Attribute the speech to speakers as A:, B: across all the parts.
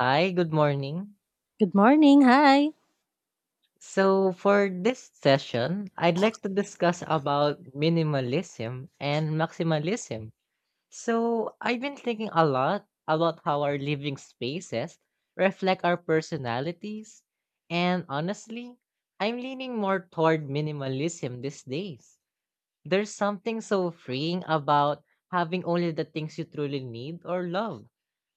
A: Hi, good morning.
B: Good morning. Hi.
A: So for this session, I'd like to discuss about minimalism and maximalism. So I've been thinking a lot about how our living spaces reflect our personalities, and honestly, I'm leaning more toward minimalism these days. There's something so freeing about having only the things you truly need or love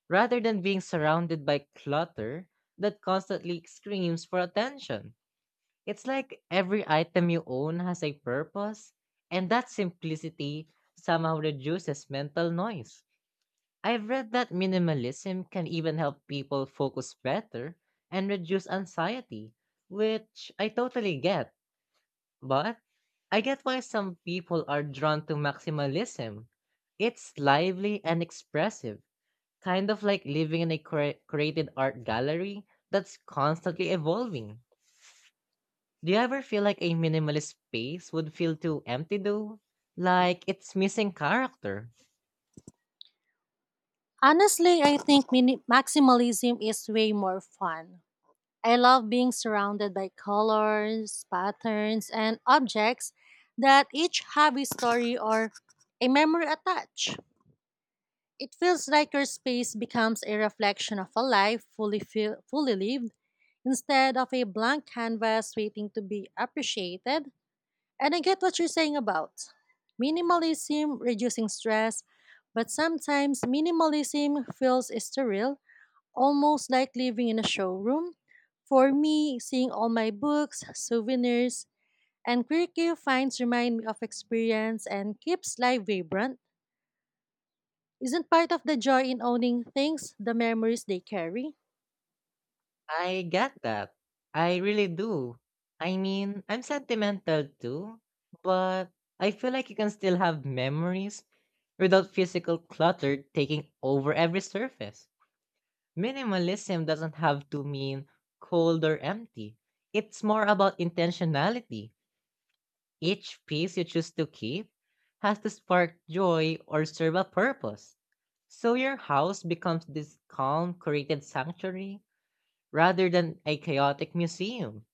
A: rather than being surrounded by clutter that constantly screams for attention. It's like every item you own has a purpose, and that simplicity somehow reduces mental noise. I've read that minimalism can even help people focus better and reduce anxiety, which I totally get, but I get why some people are drawn to maximalism. It's lively and expressive, kind of like living in a created art gallery that's constantly evolving. Do you ever feel like a minimalist space would feel too empty though? Like it's missing character.
B: Honestly, I think maximalism is way more fun. I love being surrounded by colors, patterns, and objects that each have a story or a memory attached. It feels like your space becomes a reflection of a life fully lived instead of a blank canvas waiting to be appreciated. And I get what you're saying about minimalism reducing stress, but sometimes minimalism feels sterile, almost like living in a showroom. For me, seeing all my books, souvenirs, and quirky finds remind me of experience and keeps life vibrant. Isn't part of the joy in owning things the memories they carry?
A: I get that. I really do. I mean, I'm sentimental too, but I feel like you can still have memories without physical clutter taking over every surface. Minimalism doesn't have to mean cold or empty. It's more about intentionality. Each piece you choose to keep has to spark joy or serve a purpose. So your house becomes this calm, created sanctuary rather than a chaotic museum.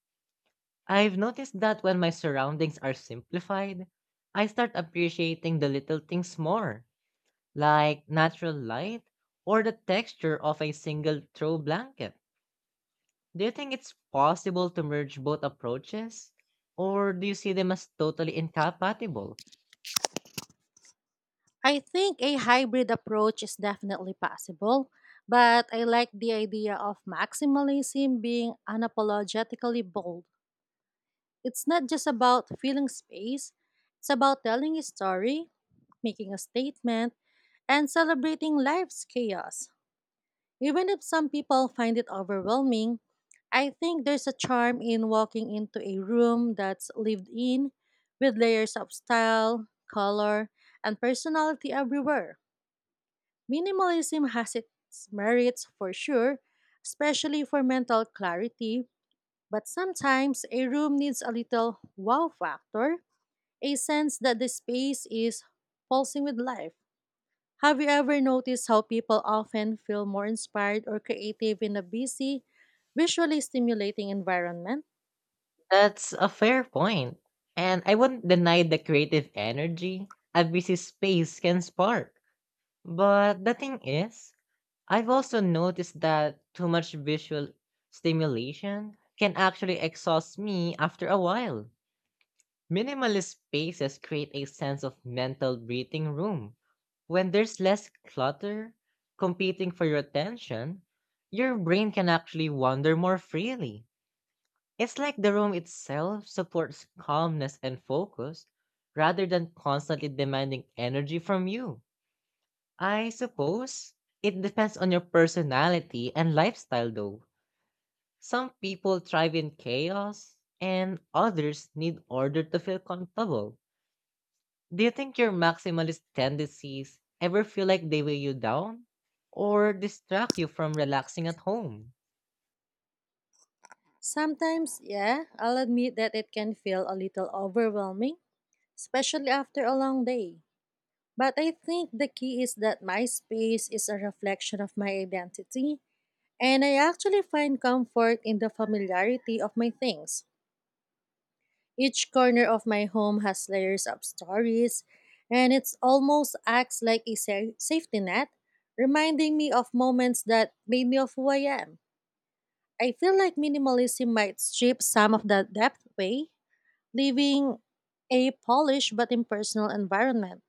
A: I've noticed that when my surroundings are simplified, I start appreciating the little things more, like natural light or the texture of a single throw blanket. Do you think it's possible to merge both approaches, or do you see them as totally incompatible?
B: I think a hybrid approach is definitely possible, but I like the idea of maximalism being unapologetically bold. It's not just about filling space, it's about telling a story, making a statement, and celebrating life's chaos. Even if some people find it overwhelming, I think there's a charm in walking into a room that's lived in with layers of style, color, and personality everywhere. Minimalism has its merits for sure, especially for mental clarity, but sometimes a room needs a little wow factor, a sense that the space is pulsing with life. Have you ever noticed how people often feel more inspired or creative in a busy, visually stimulating environment?
A: That's a fair point. And I wouldn't deny the creative energy a busy space can spark. But the thing is, I've also noticed that too much visual stimulation can actually exhaust me after a while. Minimalist spaces create a sense of mental breathing room. When there's less clutter competing for your attention, your brain can actually wander more freely. It's like the room itself supports calmness and focus rather than constantly demanding energy from you. I suppose it depends on your personality and lifestyle, though. Some people thrive in chaos, and others need order to feel comfortable. Do you think your maximalist tendencies ever feel like they weigh you down or distract you from relaxing at home?
B: Sometimes, yeah, I'll admit that it can feel a little overwhelming, especially after a long day. But I think the key is that my space is a reflection of my identity, and I actually find comfort in the familiarity of my things. Each corner of my home has layers of stories, and it's almost acts like a safety net, reminding me of moments that made me of who I am. I feel like minimalism might strip some of that depth away, leaving a polished but impersonal environment.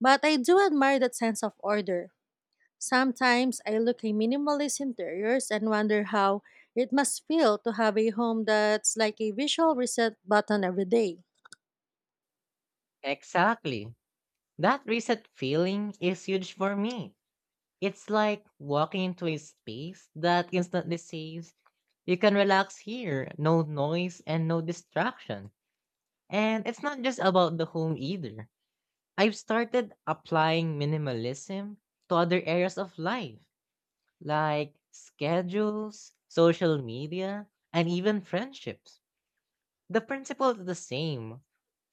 B: But I do admire that sense of order. Sometimes I look at minimalist interiors and wonder how it must feel to have a home that's like a visual reset button every day.
A: Exactly. That reset feeling is huge for me. It's like walking into a space that instantly says, you can relax here, no noise and no distraction. And it's not just about the home either. I've started applying minimalism to other areas of life, like schedules, social media, and even friendships. The principle is the same: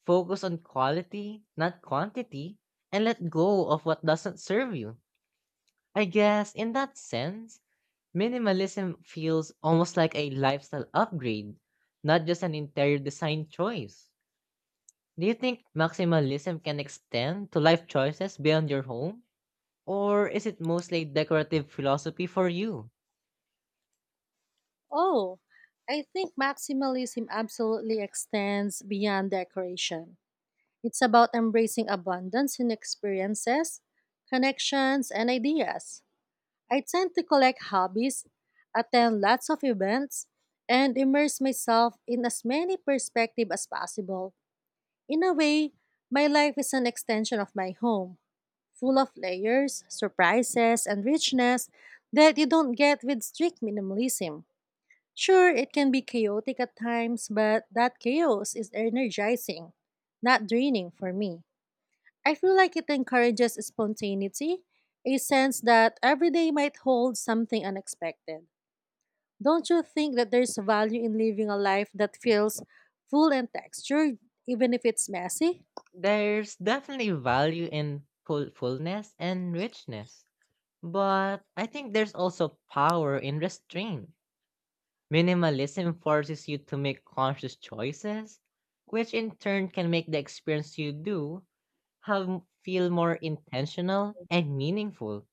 A: focus on quality, not quantity, and let go of what doesn't serve you. I guess in that sense, minimalism feels almost like a lifestyle upgrade, not just an interior design choice. Do you think maximalism can extend to life choices beyond your home? Or is it mostly decorative philosophy for you?
B: Oh, I think maximalism absolutely extends beyond decoration. It's about embracing abundance in experiences, connections, and ideas. I tend to collect hobbies, attend lots of events, and immerse myself in as many perspectives as possible. In a way, my life is an extension of my home, full of layers, surprises, and richness that you don't get with strict minimalism. Sure, it can be chaotic at times, but that chaos is energizing, not draining for me. I feel like it encourages spontaneity, a sense that every day might hold something unexpected. Don't you think that there's value in living a life that feels full and textured, even if it's messy?
A: There's definitely value in fullness and richness, but I think there's also power in restraint. Minimalism forces you to make conscious choices, which in turn can make the experience you do have feel more intentional and meaningful.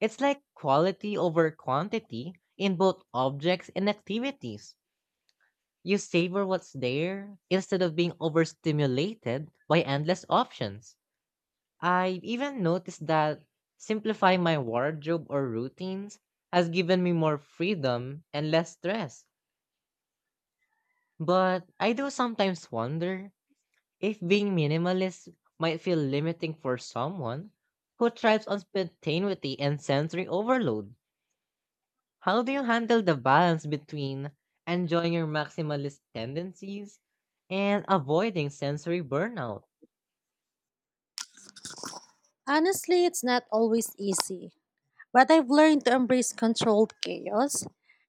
A: It's like quality over quantity in both objects and activities. You savor what's there instead of being overstimulated by endless options. I've even noticed that simplifying my wardrobe or routines has given me more freedom and less stress. But I do sometimes wonder if being minimalist might feel limiting for someone who thrives on spontaneity and sensory overload. How do you handle the balance between enjoying your maximalist tendencies and avoiding sensory burnout?
B: Honestly, it's not always easy, but I've learned to embrace controlled chaos.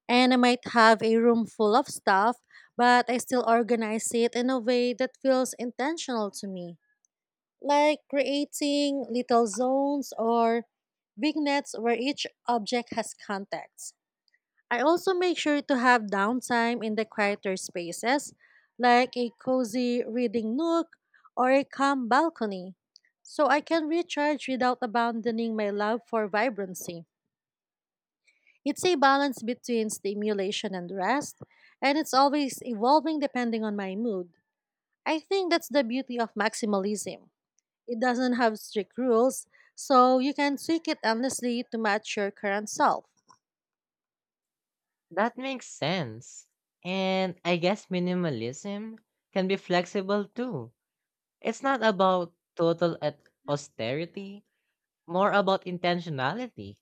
B: And I might have a room full of stuff, but I still organize it in a way that feels intentional to me, like creating little zones or vignettes where each object has context. I also make sure to have downtime in the quieter spaces, like a cozy reading nook or a calm balcony, so I can recharge without abandoning my love for vibrancy. It's a balance between stimulation and rest, and it's always evolving depending on my mood. I think that's the beauty of maximalism. It doesn't have strict rules, so you can tweak it endlessly to match your current self.
A: That makes sense. And I guess minimalism can be flexible too. It's not about total at austerity, more about intentionality.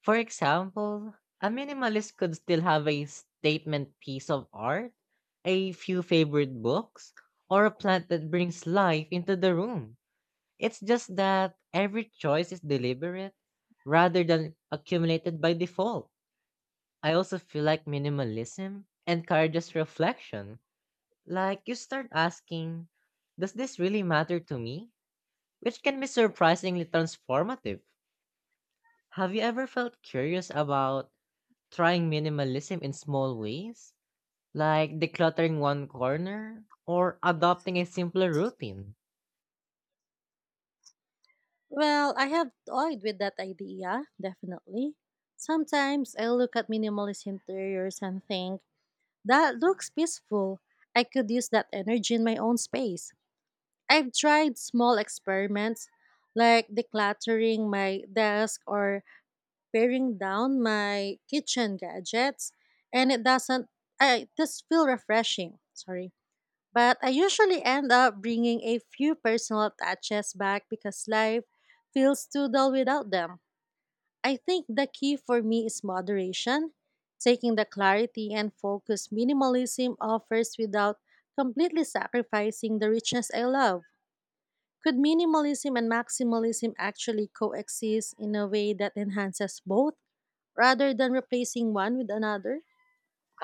A: For example, a minimalist could still have a statement piece of art, a few favorite books, or a plant that brings life into the room. It's just that every choice is deliberate rather than accumulated by default. I also feel like minimalism encourages reflection. Like you start asking, does this really matter to me? Which can be surprisingly transformative. Have you ever felt curious about trying minimalism in small ways, like decluttering one corner or adopting a simpler routine?
B: Well, I have toyed with that idea, definitely. Sometimes I look at minimalist interiors and think, that looks peaceful. I could use that energy in my own space. I've tried small experiments like decluttering my desk or paring down my kitchen gadgets, and it doesn't, I just feel refreshing. Sorry. But I usually end up bringing a few personal touches back because life feels too dull without them. I think the key for me is moderation, taking the clarity and focus minimalism offers without completely sacrificing the richness I love. Could minimalism and maximalism actually coexist in a way that enhances both rather than replacing one with another?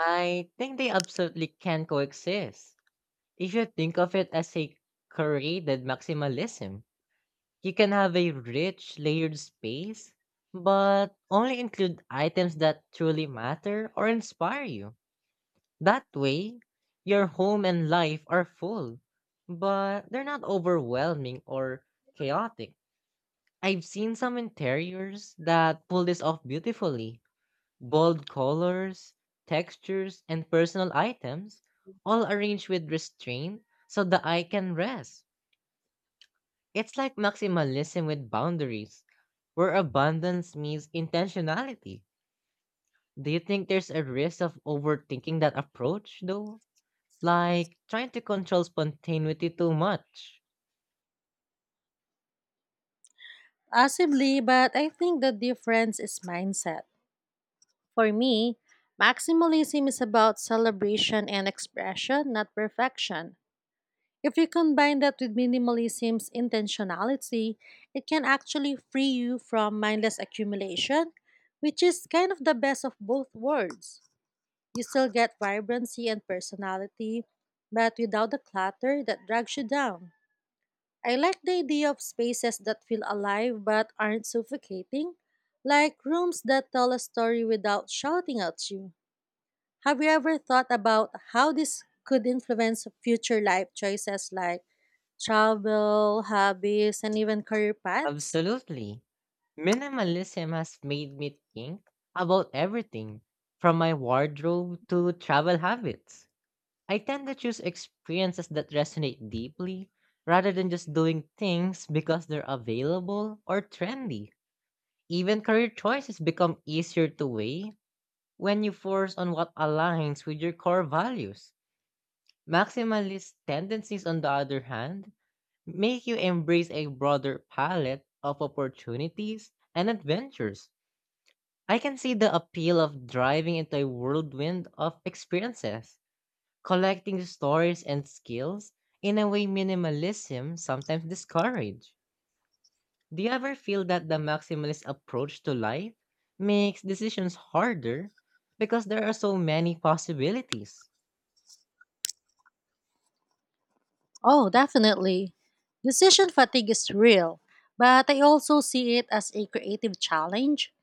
A: I think they absolutely can coexist. If you think of it as a curated maximalism, you can have a rich, layered space, but only include items that truly matter or inspire you. That way, your home and life are full, but they're not overwhelming or chaotic. I've seen some interiors that pull this off beautifully. Bold colors, textures, and personal items, all arranged with restraint so the eye can rest. It's like maximalism with boundaries, where abundance means intentionality. Do you think there's a risk of overthinking that approach, though? Like trying to control spontaneity too much?
B: Possibly, but I think the difference is mindset. For me, maximalism is about celebration and expression, not perfection. If you combine that with minimalism's intentionality, it can actually free you from mindless accumulation, which is kind of the best of both worlds. You still get vibrancy and personality, but without the clutter that drags you down. I like the idea of spaces that feel alive but aren't suffocating, like rooms that tell a story without shouting at you. Have you ever thought about how this could influence future life choices like travel, hobbies, and even career paths?
A: Absolutely. Minimalism has made me think about everything from my wardrobe to travel habits. I tend to choose experiences that resonate deeply rather than just doing things because they're available or trendy. Even career choices become easier to weigh when you force on what aligns with your core values. Maximalist tendencies, on the other hand, make you embrace a broader palette of opportunities and adventures. I can see the appeal of driving into a whirlwind of experiences, collecting stories and skills in a way minimalism sometimes discourages. Do you ever feel that the maximalist approach to life makes decisions harder because there are so many possibilities?
B: Oh, definitely. Decision fatigue is real, but I also see it as a creative challenge.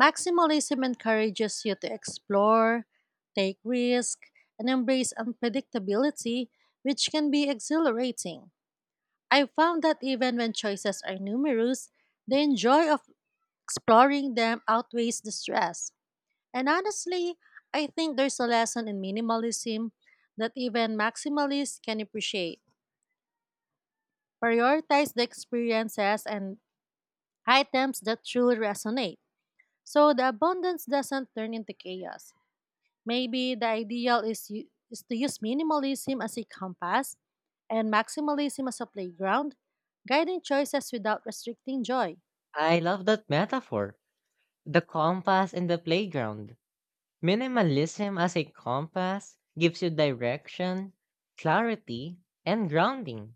B: Maximalism encourages you to explore, take risks, and embrace unpredictability, which can be exhilarating. I found that even when choices are numerous, the joy of exploring them outweighs the stress. And honestly, I think there's a lesson in minimalism that even maximalists can appreciate. Prioritize the experiences and items that truly resonate. So the abundance doesn't turn into chaos. Maybe the ideal is to use minimalism as a compass and maximalism as a playground, guiding choices without restricting joy.
A: I love that metaphor, the compass and the playground. Minimalism as a compass gives you direction, clarity, and grounding,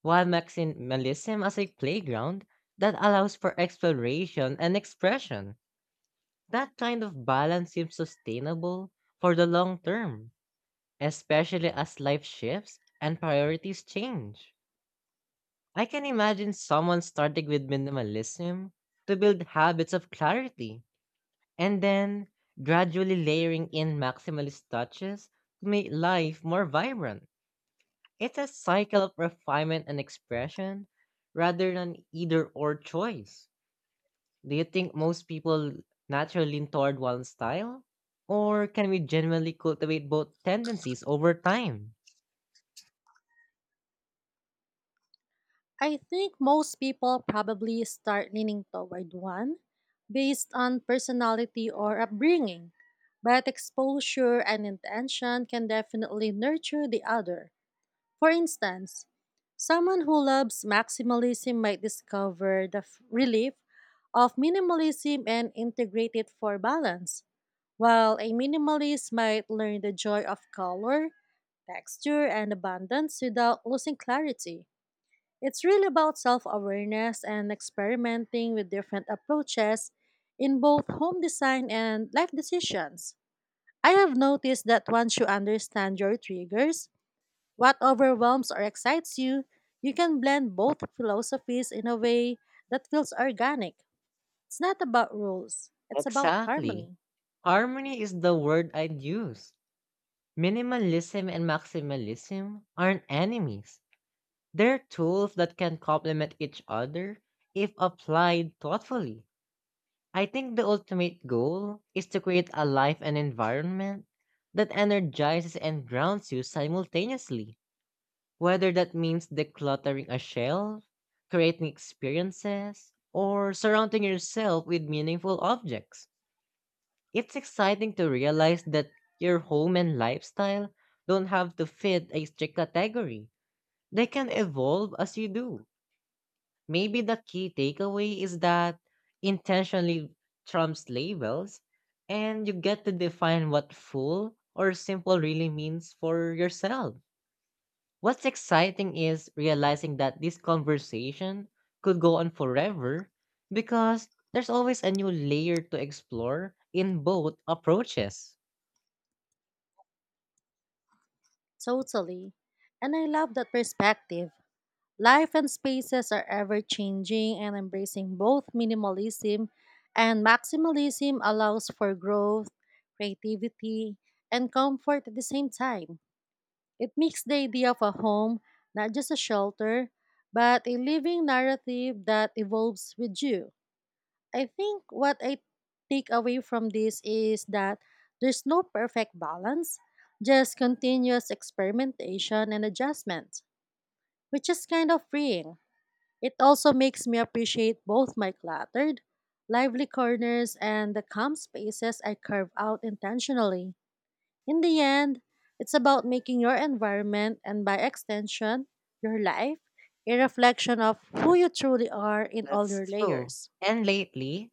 A: while maximalism as a playground that allows for exploration and expression. That kind of balance seems sustainable for the long term, especially as life shifts and priorities change. I can imagine someone starting with minimalism to build habits of clarity and then gradually layering in maximalist touches to make life more vibrant. It's a cycle of refinement and expression rather than either or choice. Do you think most people naturally lean toward one style? Or can we genuinely cultivate both tendencies over time?
B: I think most people probably start leaning toward one based on personality or upbringing, but exposure and intention can definitely nurture the other. For instance, someone who loves maximalism might discover the relief of minimalism and integrate it for balance, while a minimalist might learn the joy of color, texture, and abundance without losing clarity. It's really about self awareness and experimenting with different approaches in both home design and life decisions. I have noticed that once you understand your triggers, what overwhelms or excites you, you can blend both philosophies in a way that feels organic. It's not about rules, it's about
A: Exactly.
B: harmony.
A: Harmony is the word I'd use. Minimalism and maximalism aren't enemies. They're tools that can complement each other if applied thoughtfully. I think the ultimate goal is to create a life and environment that energizes and grounds you simultaneously, whether that means decluttering a shelf, creating experiences, or surrounding yourself with meaningful objects. It's exciting to realize that your home and lifestyle don't have to fit a strict category. They can evolve as you do. Maybe the key takeaway is that intentionally trumps labels, and you get to define what full or simple really means for yourself. What's exciting is realizing that this conversation could go on forever because there's always a new layer to explore in both approaches.
B: Totally. And I love that perspective. Life and spaces are ever changing, and embracing both minimalism and maximalism allows for growth, creativity, and comfort at the same time. It makes the idea of a home not just a shelter, but a living narrative that evolves with you. I think what I take away from this is that there's no perfect balance, just continuous experimentation and adjustment, which is kind of freeing. It also makes me appreciate both my cluttered, lively corners and the calm spaces I carve out intentionally. In the end, it's about making your environment and, by extension, your life, a reflection of who you truly are in all
A: That's
B: your
A: true.
B: layers.
A: And lately,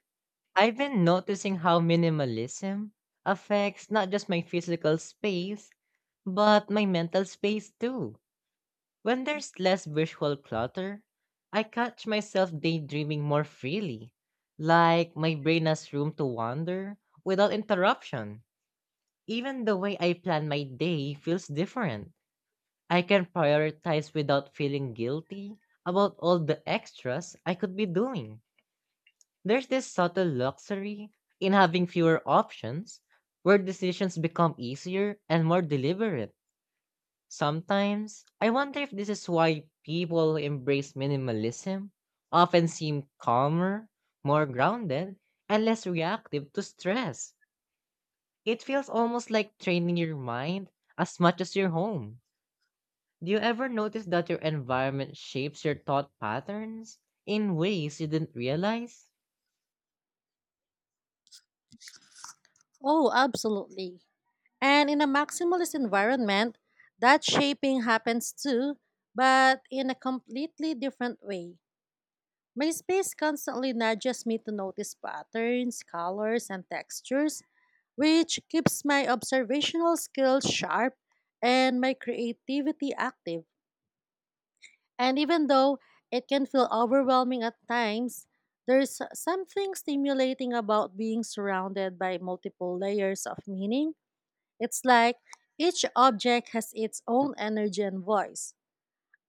A: I've been noticing how minimalism affects not just my physical space, but my mental space too. When there's less visual clutter, I catch myself daydreaming more freely. Like my brain has room to wander without interruption. Even the way I plan my day feels different. I can prioritize without feeling guilty about all the extras I could be doing. There's this subtle luxury in having fewer options, where decisions become easier and more deliberate. Sometimes, I wonder if this is why people who embrace minimalism often seem calmer, more grounded, and less reactive to stress. It feels almost like training your mind as much as your home. Do you ever notice that your environment shapes your thought patterns in ways you didn't realize?
B: Oh, absolutely. And in a maximalist environment, that shaping happens too, but in a completely different way. My space constantly nudges me to notice patterns, colors, and textures, which keeps my observational skills sharp and my creativity active. And even though it can feel overwhelming at times, there's something stimulating about being surrounded by multiple layers of meaning. It's like each object has its own energy and voice.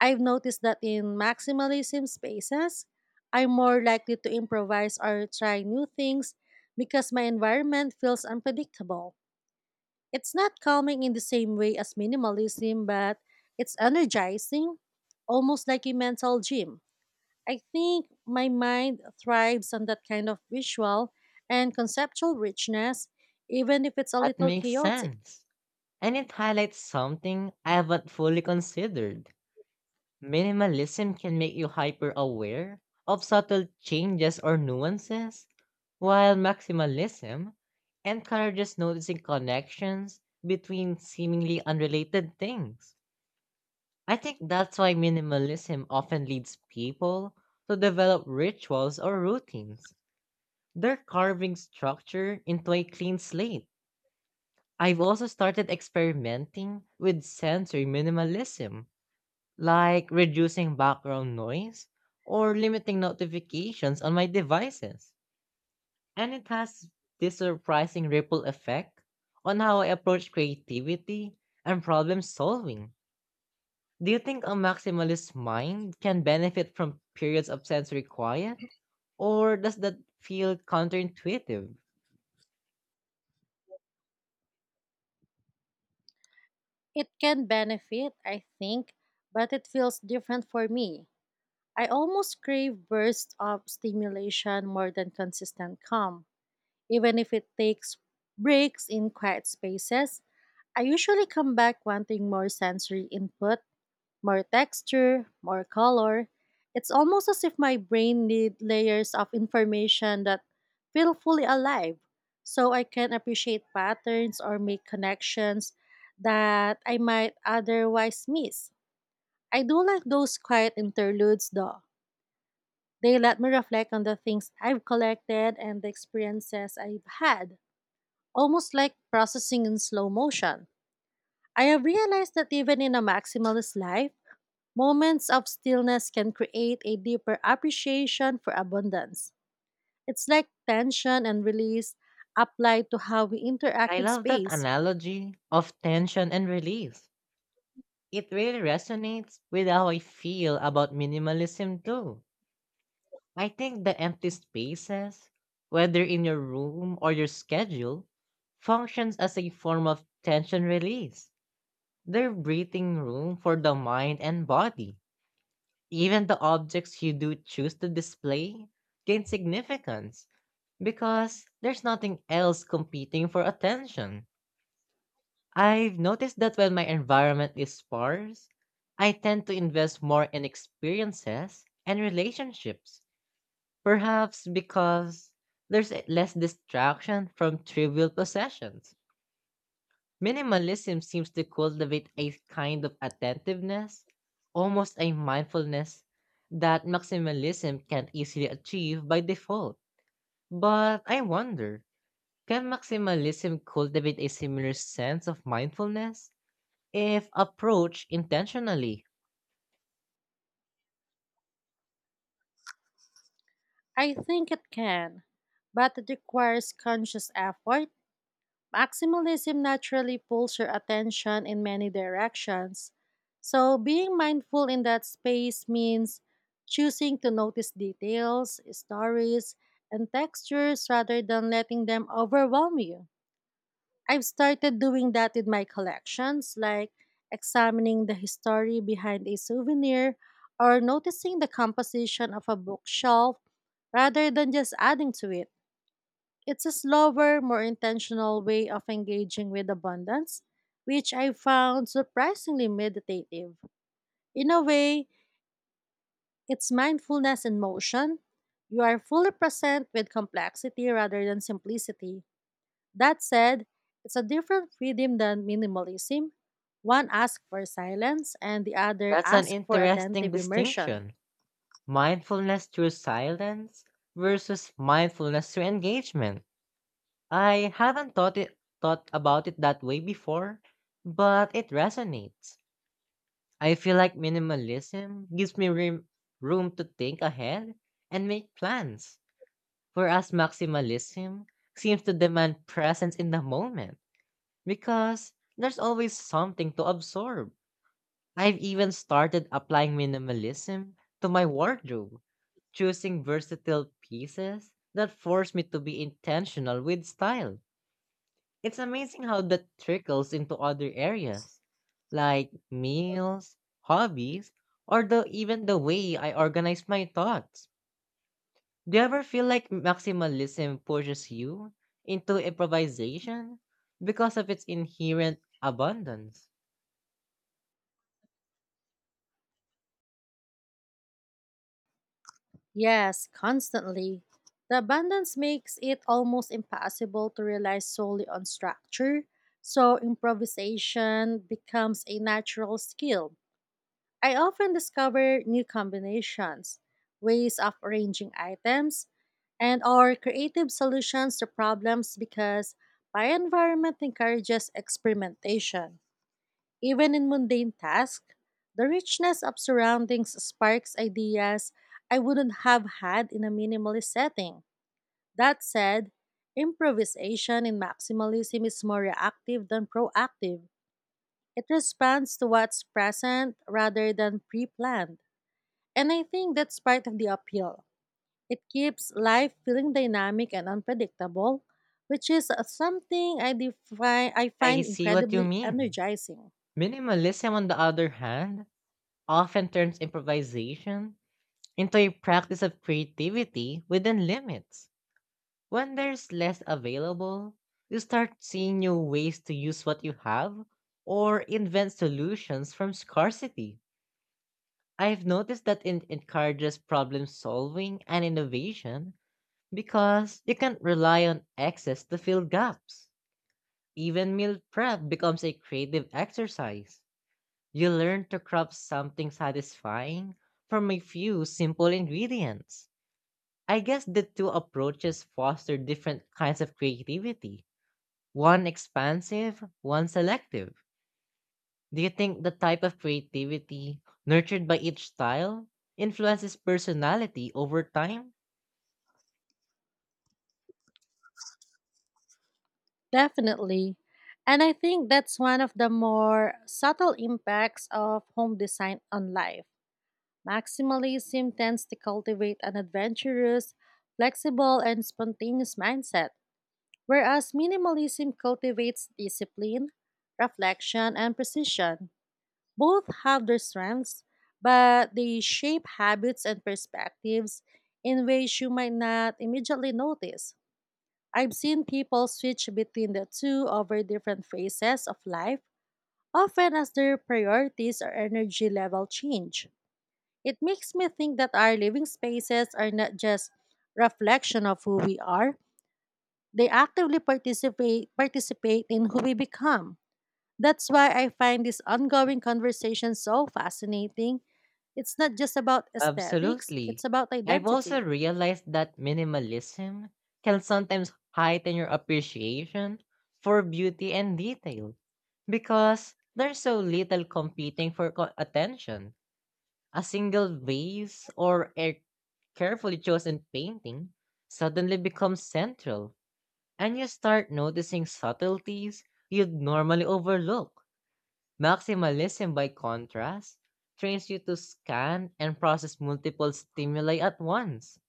B: I've noticed that in maximalism spaces, I'm more likely to improvise or try new things because my environment feels unpredictable. It's not calming in the same way as minimalism, but it's energizing, almost like a mental gym. I think my mind thrives on that kind of visual and conceptual richness, even if it's a
A: That
B: little
A: makes
B: chaotic.
A: sense. And it highlights something I haven't fully considered. Minimalism can make you hyper aware of subtle changes or nuances, while maximalism encourages noticing connections between seemingly unrelated things. I think that's why minimalism often leads people to develop rituals or routines. They're carving structure into a clean slate. I've also started experimenting with sensory minimalism, like reducing background noise or limiting notifications on my devices. And it has this surprising ripple effect on how I approach creativity and problem solving. Do you think a maximalist mind can benefit from periods of sensory quiet? Or does that feel counterintuitive?
B: It can benefit, I think, but it feels different for me. I almost crave bursts of stimulation more than consistent calm. Even if it takes breaks in quiet spaces, I usually come back wanting more sensory input, more texture, more color. It's almost as if my brain needs layers of information that feel fully alive so I can appreciate patterns or make connections that I might otherwise miss. I do like those quiet interludes though, they let me reflect on the things I've collected and the experiences I've had, almost like processing in slow motion. I have realized that even in a maximalist life, moments of stillness can create a deeper appreciation for abundance. It's like tension and release applied to how we interact
A: I
B: with
A: love that
B: space.
A: analogy of tension and release. It really resonates with how I feel about minimalism too. I think the empty spaces, whether in your room or your schedule, functions as a form of tension release. They're breathing room for the mind and body. Even the objects you do choose to display gain significance because there's nothing else competing for attention. I've noticed that when my environment is sparse, I tend to invest more in experiences and relationships, perhaps because there's less distraction from trivial possessions. Minimalism seems to cultivate a kind of attentiveness, almost a mindfulness, that maximalism can't easily achieve by default. But I wonder, can maximalism cultivate a similar sense of mindfulness if approached intentionally?
B: I think it can, but it requires conscious effort. Maximalism naturally pulls your attention in many directions. So, being mindful in that space means choosing to notice details, stories, and textures rather than letting them overwhelm you. I've started doing that with my collections, like examining the history behind a souvenir or noticing the composition of a bookshelf rather than just adding to it. It's a slower, more intentional way of engaging with abundance, which I found surprisingly meditative. In a way, it's mindfulness in motion. You are fully present with complexity rather than simplicity. That said, it's a different freedom than minimalism. One asks for silence, and the other
A: That's an
B: asks for
A: interesting
B: attentive immersion.
A: distinction. Mindfulness through silence versus mindfulness through engagement. I haven't thought about it that way before, but it resonates. I feel like minimalism gives me room to think ahead and make plans, whereas maximalism seems to demand presence in the moment because there's always something to absorb. I've even started applying minimalism to my wardrobe, choosing versatile pieces that force me to be intentional with style. It's amazing how that trickles into other areas, like meals, hobbies, or even the way I organize my thoughts. Do you ever feel like maximalism pushes you into improvisation because of its inherent abundance?
B: Yes, constantly. The abundance makes it almost impossible to rely solely on structure, so improvisation becomes a natural skill. I often discover new combinations, ways of arranging items, and or creative solutions to problems because my environment encourages experimentation. Even in mundane tasks, the richness of surroundings sparks ideas I wouldn't have had in a minimalist setting. That said, improvisation in maximalism is more reactive than proactive. It responds to what's present rather than pre planned. And I think that's part of the appeal. It keeps life feeling dynamic and unpredictable, which is something I
A: I
B: find
A: see what you
B: incredibly
A: mean.
B: energizing.
A: Minimalism, on the other hand, often turns improvisation into a practice of creativity within limits. When there's less available, you start seeing new ways to use what you have or invent solutions from scarcity. I've noticed that it encourages problem solving and innovation because you can't rely on excess to fill gaps. Even meal prep becomes a creative exercise. You learn to craft something satisfying from a few simple ingredients. I guess the two approaches foster different kinds of creativity, one expansive, one selective. Do you think the type of creativity nurtured by each style influences personality over time?
B: Definitely. And I think that's one of the more subtle impacts of home design on life. Maximalism tends to cultivate an adventurous, flexible, and spontaneous mindset, whereas minimalism cultivates discipline, reflection, and precision. Both have their strengths, but they shape habits and perspectives in ways you might not immediately notice. I've seen people switch between the two over different phases of life, often as their priorities or energy level change. It makes me think that our living spaces are not just reflection of who we are, they actively participate in who we become. That's why I find this ongoing conversation so fascinating. It's not just about aesthetics,
A: Absolutely.
B: it's about
A: I've also
B: identity.
A: realized that minimalism can sometimes heighten your appreciation for beauty and detail because there's so little competing for attention. A single vase or a carefully chosen painting suddenly becomes central, and you start noticing subtleties you'd normally overlook. Maximalism, by contrast, trains you to scan and process multiple stimuli at once,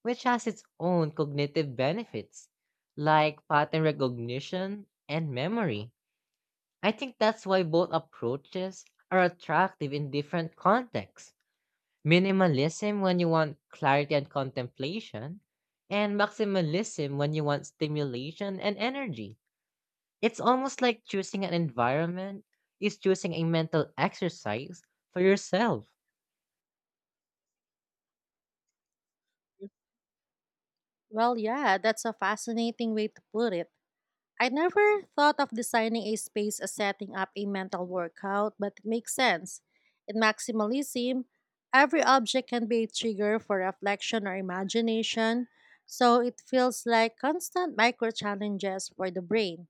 A: which has its own cognitive benefits, like pattern recognition and memory. I think that's why both approaches are attractive in different contexts. Minimalism when you want clarity and contemplation, and maximalism when you want stimulation and energy. It's almost like choosing an environment is choosing a mental exercise for yourself.
B: Well, yeah, that's a fascinating way to put it. I never thought of designing a space as setting up a mental workout, but it makes sense. In maximalism, every object can be a trigger for reflection or imagination, so it feels like constant micro challenges for the brain.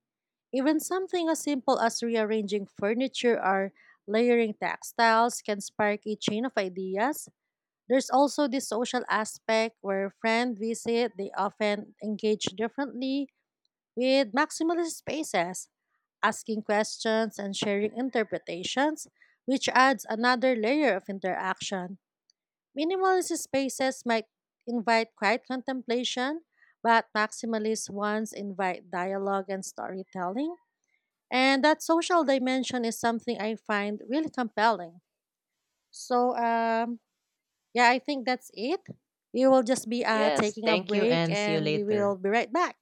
B: Even something as simple as rearranging furniture or layering textiles can spark a chain of ideas. There's also the social aspect where friends visit, they often engage differently with maximalist spaces, asking questions and sharing interpretations, which adds another layer of interaction. Minimalist spaces might invite quiet contemplation, but maximalist ones invite dialogue and storytelling. And that social dimension is something I find really compelling. So, yeah, I think that's it. We will just be
A: Yes,
B: taking a
A: thank you
B: break
A: and see you
B: and we
A: later.
B: will be right back.